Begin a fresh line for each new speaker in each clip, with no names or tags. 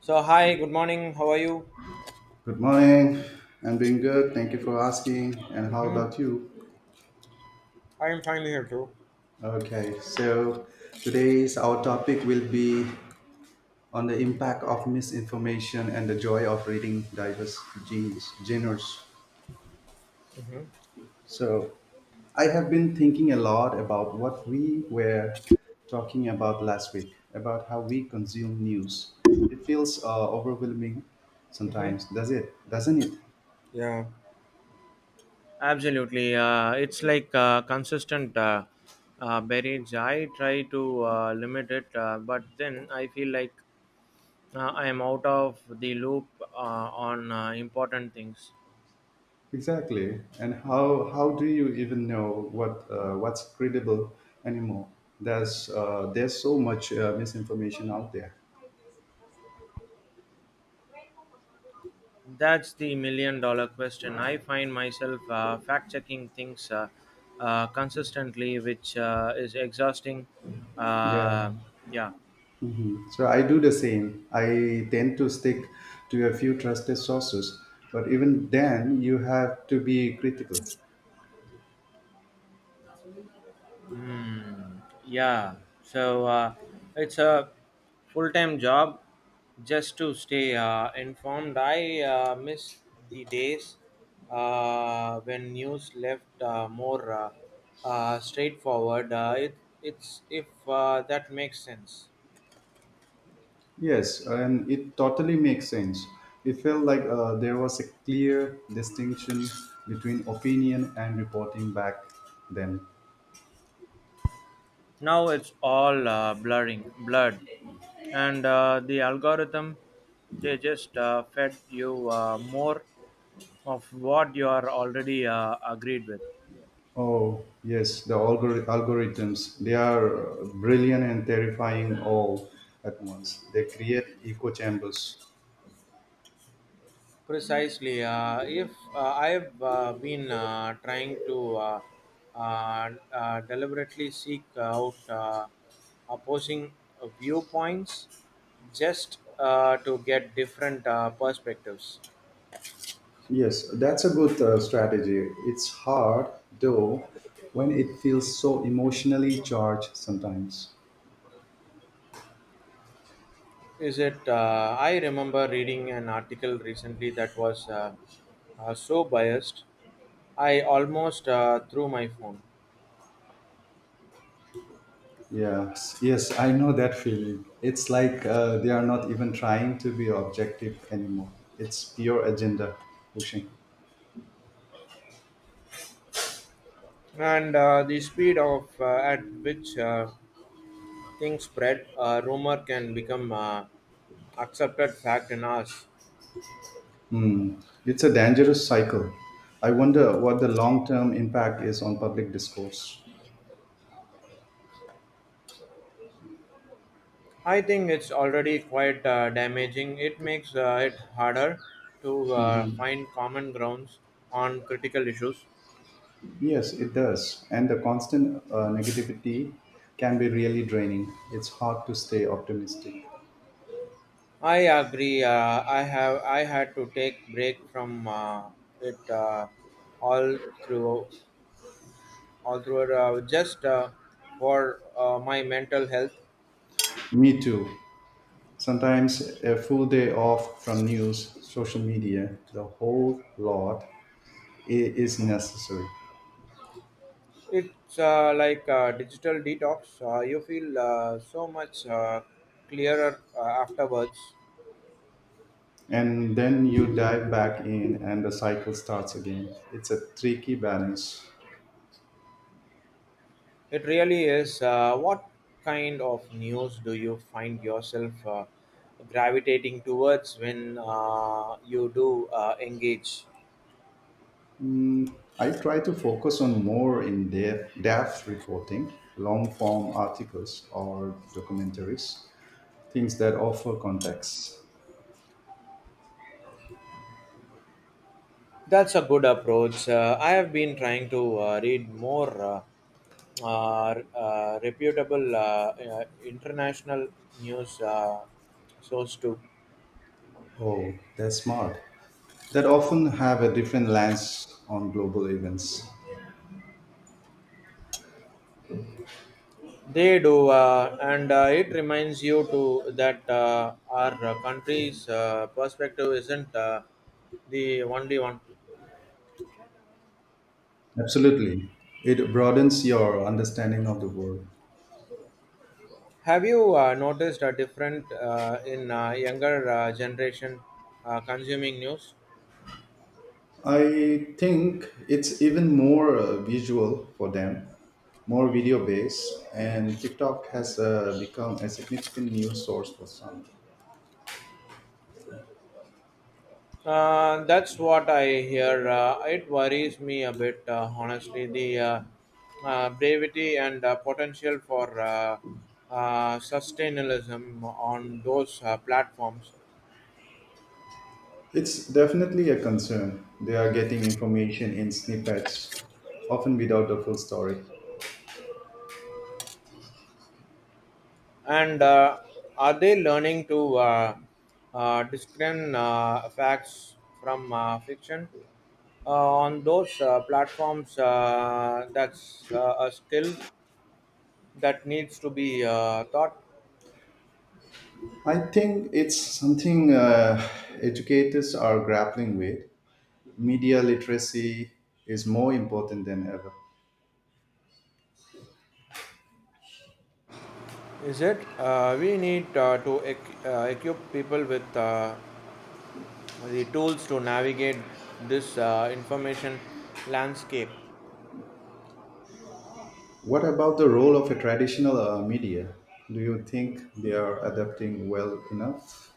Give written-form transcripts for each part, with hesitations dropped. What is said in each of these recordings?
So hi, good morning. How are you?
Good morning. I'm doing good. Thank you for asking. And how
Mm-hmm.
about you?
I am fine here too.
Okay, so today's our topic will be on the impact of misinformation and the joy of reading diverse genres.
Mm-hmm.
So I have been thinking a lot about what we were talking about last week, about how we consume news. It feels overwhelming
Mm-hmm.
sometimes, Doesn't it?
Yeah. Absolutely. It's like consistent barrage. I try to limit it, but then I feel like I am out of the loop on important things.
Exactly. And how do you even know what's credible anymore? There's so much misinformation out there.
That's the million dollar question. I find myself fact checking things consistently, which is exhausting. Uh,
Yeah.
yeah.
So I do the same. I tend to stick to a few trusted sources, but even then, you have to be critical.
Yeah. So it's a full time job just to stay informed. I miss the days when news left more straightforward. It's if that makes sense.
Yes, and it totally makes sense. It felt like there was a clear distinction between opinion and reporting back then.
Now it's all blurring, blurred, and the algorithm they just fed you more of what you are already agreed with.
Oh, yes, the algorithms. They are brilliant and terrifying all at once. They create echo chambers.
Precisely. If I've been trying to deliberately seek out opposing viewpoints just to get different perspectives.
Yes, that's a good strategy. It's hard, though, when it feels so emotionally charged sometimes.
Is it? I remember reading an article recently that was so biased, I almost threw my phone.
Yes, yes, I know that feeling. It's like they are not even trying to be objective anymore. It's pure agenda pushing.
And the speed of at which things spread. A rumor can become accepted fact in us.
It's a dangerous cycle. I wonder what the long term impact is on public discourse.
I think it's already quite damaging. It makes it harder to
Mhm.
find common grounds on critical issues.
Yes, it does. And the constant negativity can be really draining. It's hard to stay optimistic.
I agree. I had to take break from it all through just for my mental health.
Me too. Sometimes a full day off from news, social media, the whole lot is necessary.
It's like digital detox. You feel so much clearer afterwards.
And then you dive back in and the cycle starts again. It's a tricky balance.
It really is. What kind of news do you find yourself gravitating towards when you do engage?
I try to focus on more in depth reporting, long form articles or documentaries, things that offer context.
That's a good approach. I have been trying to read more reputable international news source too.
Oh, that's smart. That often have a different lens on global events.
They do, and it reminds you to that our country's perspective isn't the only one.
Absolutely. It broadens your understanding of the world.
Have you noticed a different in younger generation consuming news?
I think it's even more visual for them, more video based, and TikTok has become a significant news source for some.
That's what I hear. It worries me a bit, honestly. The brevity and potential for sustainalism on those platforms.
It's definitely a concern. They are getting information in snippets, often without the full story.
And are they learning to discern facts from fiction uh, on those platforms? That's a skill that needs to be taught.
I think it's something educators are grappling with. Media literacy is more important than ever.
Is it? We need to equip people with the tools to navigate this information landscape.
What about the role of a traditional media? Do you think they are adapting well enough?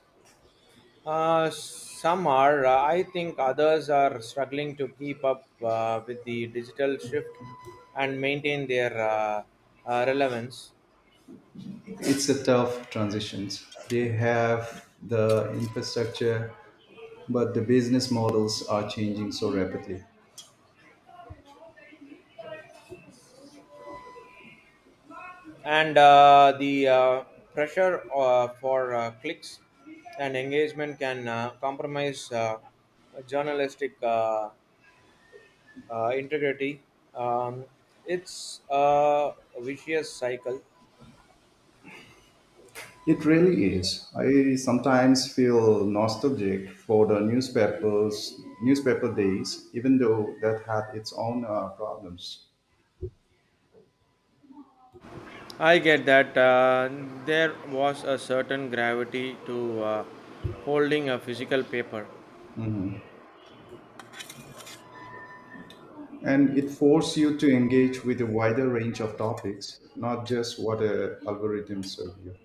Some are. I think others are struggling to keep up with the digital shift and maintain their relevance.
It's a tough transition. They have the infrastructure, but the business models are changing so rapidly.
And the pressure for clicks and engagement can compromise journalistic integrity. Um, it's a vicious cycle.
It really is. I sometimes feel nostalgic for the newspaper days, even though that had its own problems.
I get that, there was a certain gravity to holding a physical paper.
And it forced you to engage with a wider range of topics, not just what algorithms serve you.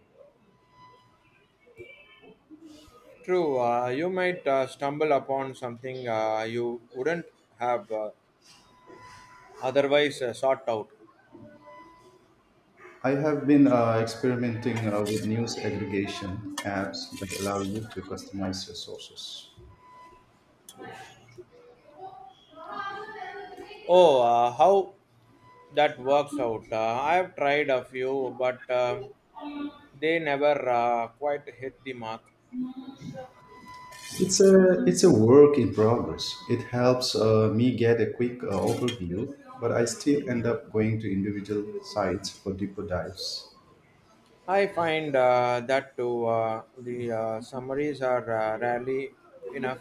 True, you might stumble upon something you wouldn't have otherwise sought out.
I have been experimenting with news aggregation apps that allow you to customize your sources.
Oh, how that works out. I have tried a few, but they never quite hit the mark.
It's a work in progress. It helps me get a quick overview, but I still end up going to individual sites for deeper dives.
I find that too. The summaries are rarely enough.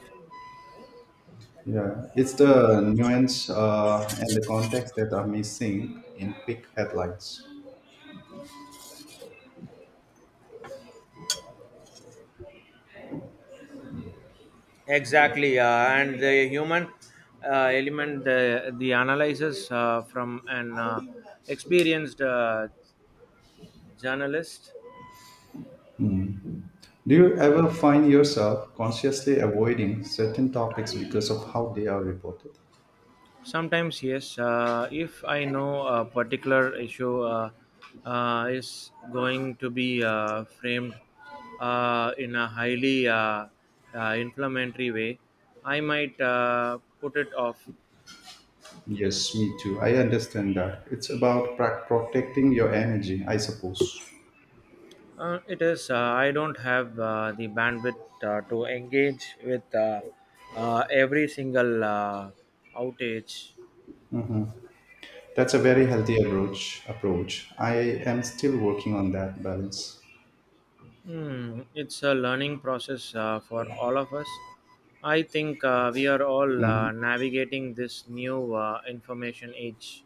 Yeah, it's the nuance and the context that are missing in big headlines.
Exactly, and the human element, the analysis from an experienced journalist.
Do you ever find yourself consciously avoiding certain topics because of how they are reported?
Sometimes, yes, if I know a particular issue is going to be framed in a highly inflammatory way, I might put it off.
Yes, me too. I understand that. It's about protecting your energy, I suppose.
It is. I don't have the bandwidth to engage with every single outage.
That's a very healthy Approach. I am still working on that balance.
Hmm, it's a learning process for all of us. I think we are all navigating this new information age.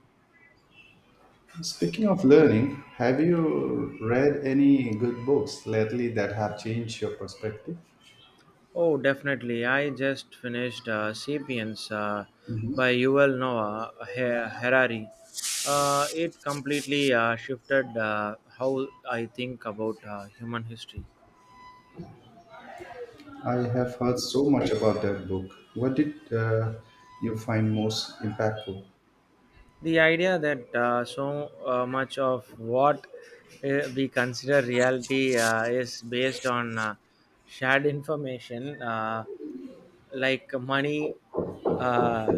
Speaking of learning, have you read any good books lately that have changed your perspective?
Oh, definitely. I just finished *Sapiens*
Mhm.
by Yuval Noah Harari. It completely shifted how I think about human history.
I have heard so much about that book. What did you find most impactful?
The idea that so much of what we consider reality is based on shared information, like money, uh,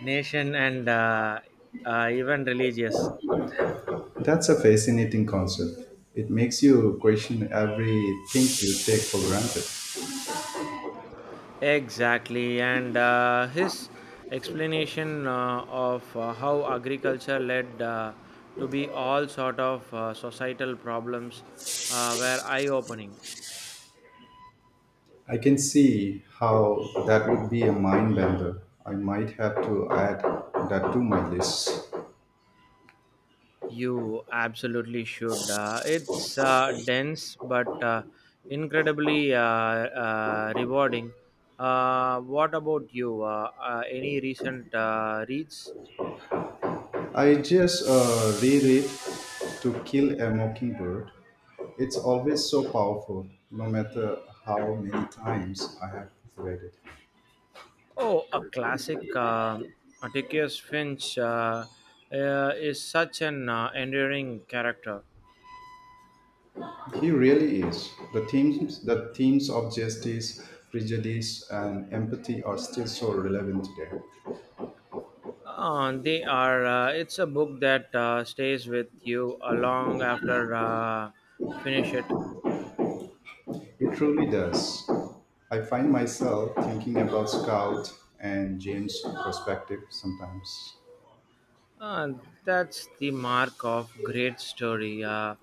nation, and even religious.
That's a fascinating concept. It makes you question everything you take for granted.
Exactly, and his explanation of how agriculture led to be all sort of societal problems were eye-opening.
I can see how that would be a mind bender. I might have to add that to my list.
You absolutely should. It's dense but incredibly rewarding. What about you? Any recent reads?
I just reread To Kill a Mockingbird. It's always so powerful, no matter how many times I have read it.
Oh, a classic. Atticus Finch is such an endearing character.
He really is. The themes of justice, prejudice, and empathy are still so relevant today.
They are. It's a book that stays with you long after finish it.
It truly does. I find myself thinking about Scout and James' perspective sometimes.
Uh, that's the mark of great story. Uh,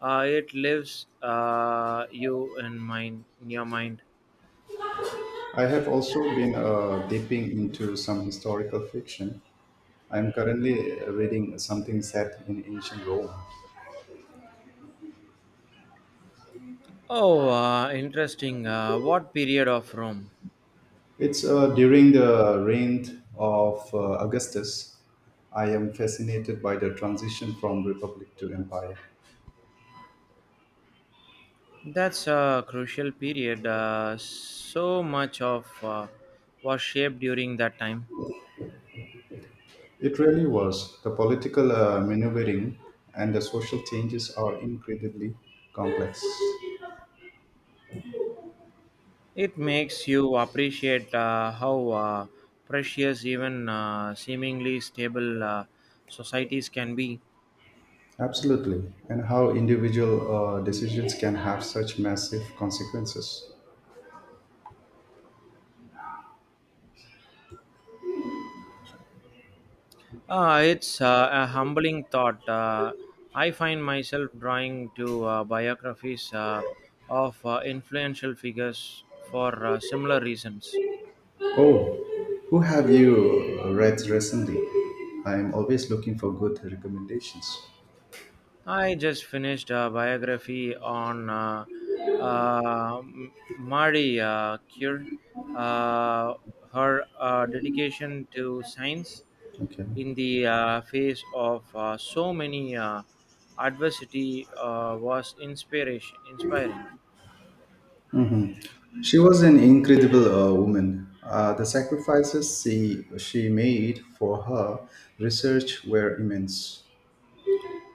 uh, It lives you in mind, in your mind.
I have also been dipping into some historical fiction. I am currently reading something set in ancient Rome.
Oh, interesting. What period of Rome?
It's during the reign of Augustus. I am fascinated by the transition from republic to empire.
That's a crucial period. So much of was shaped during that time.
It really was. The political maneuvering and the social changes are incredibly complex.
It makes you appreciate how precious even seemingly stable societies can be.
Absolutely. And how individual decisions can have such massive consequences.
It's a humbling thought. I find myself drawing to biographies of influential figures for similar reasons.
Oh, who have you read recently? I am always looking for good recommendations.
I just finished a biography on Marie Curie. uh, Her dedication to science
Okay.
in the face of so many adversity was inspiration inspiring.
She was an incredible woman. The sacrifices she made for her research were immense.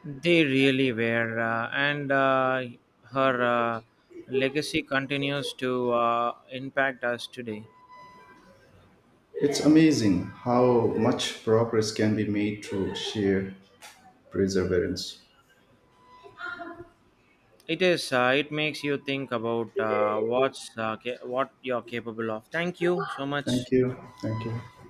They really were, and her legacy continues to impact us today.
It's amazing how much progress can be made through sheer perseverance.
It is. It makes you think about what you're capable of. Thank you so much.
Thank you. Thank you.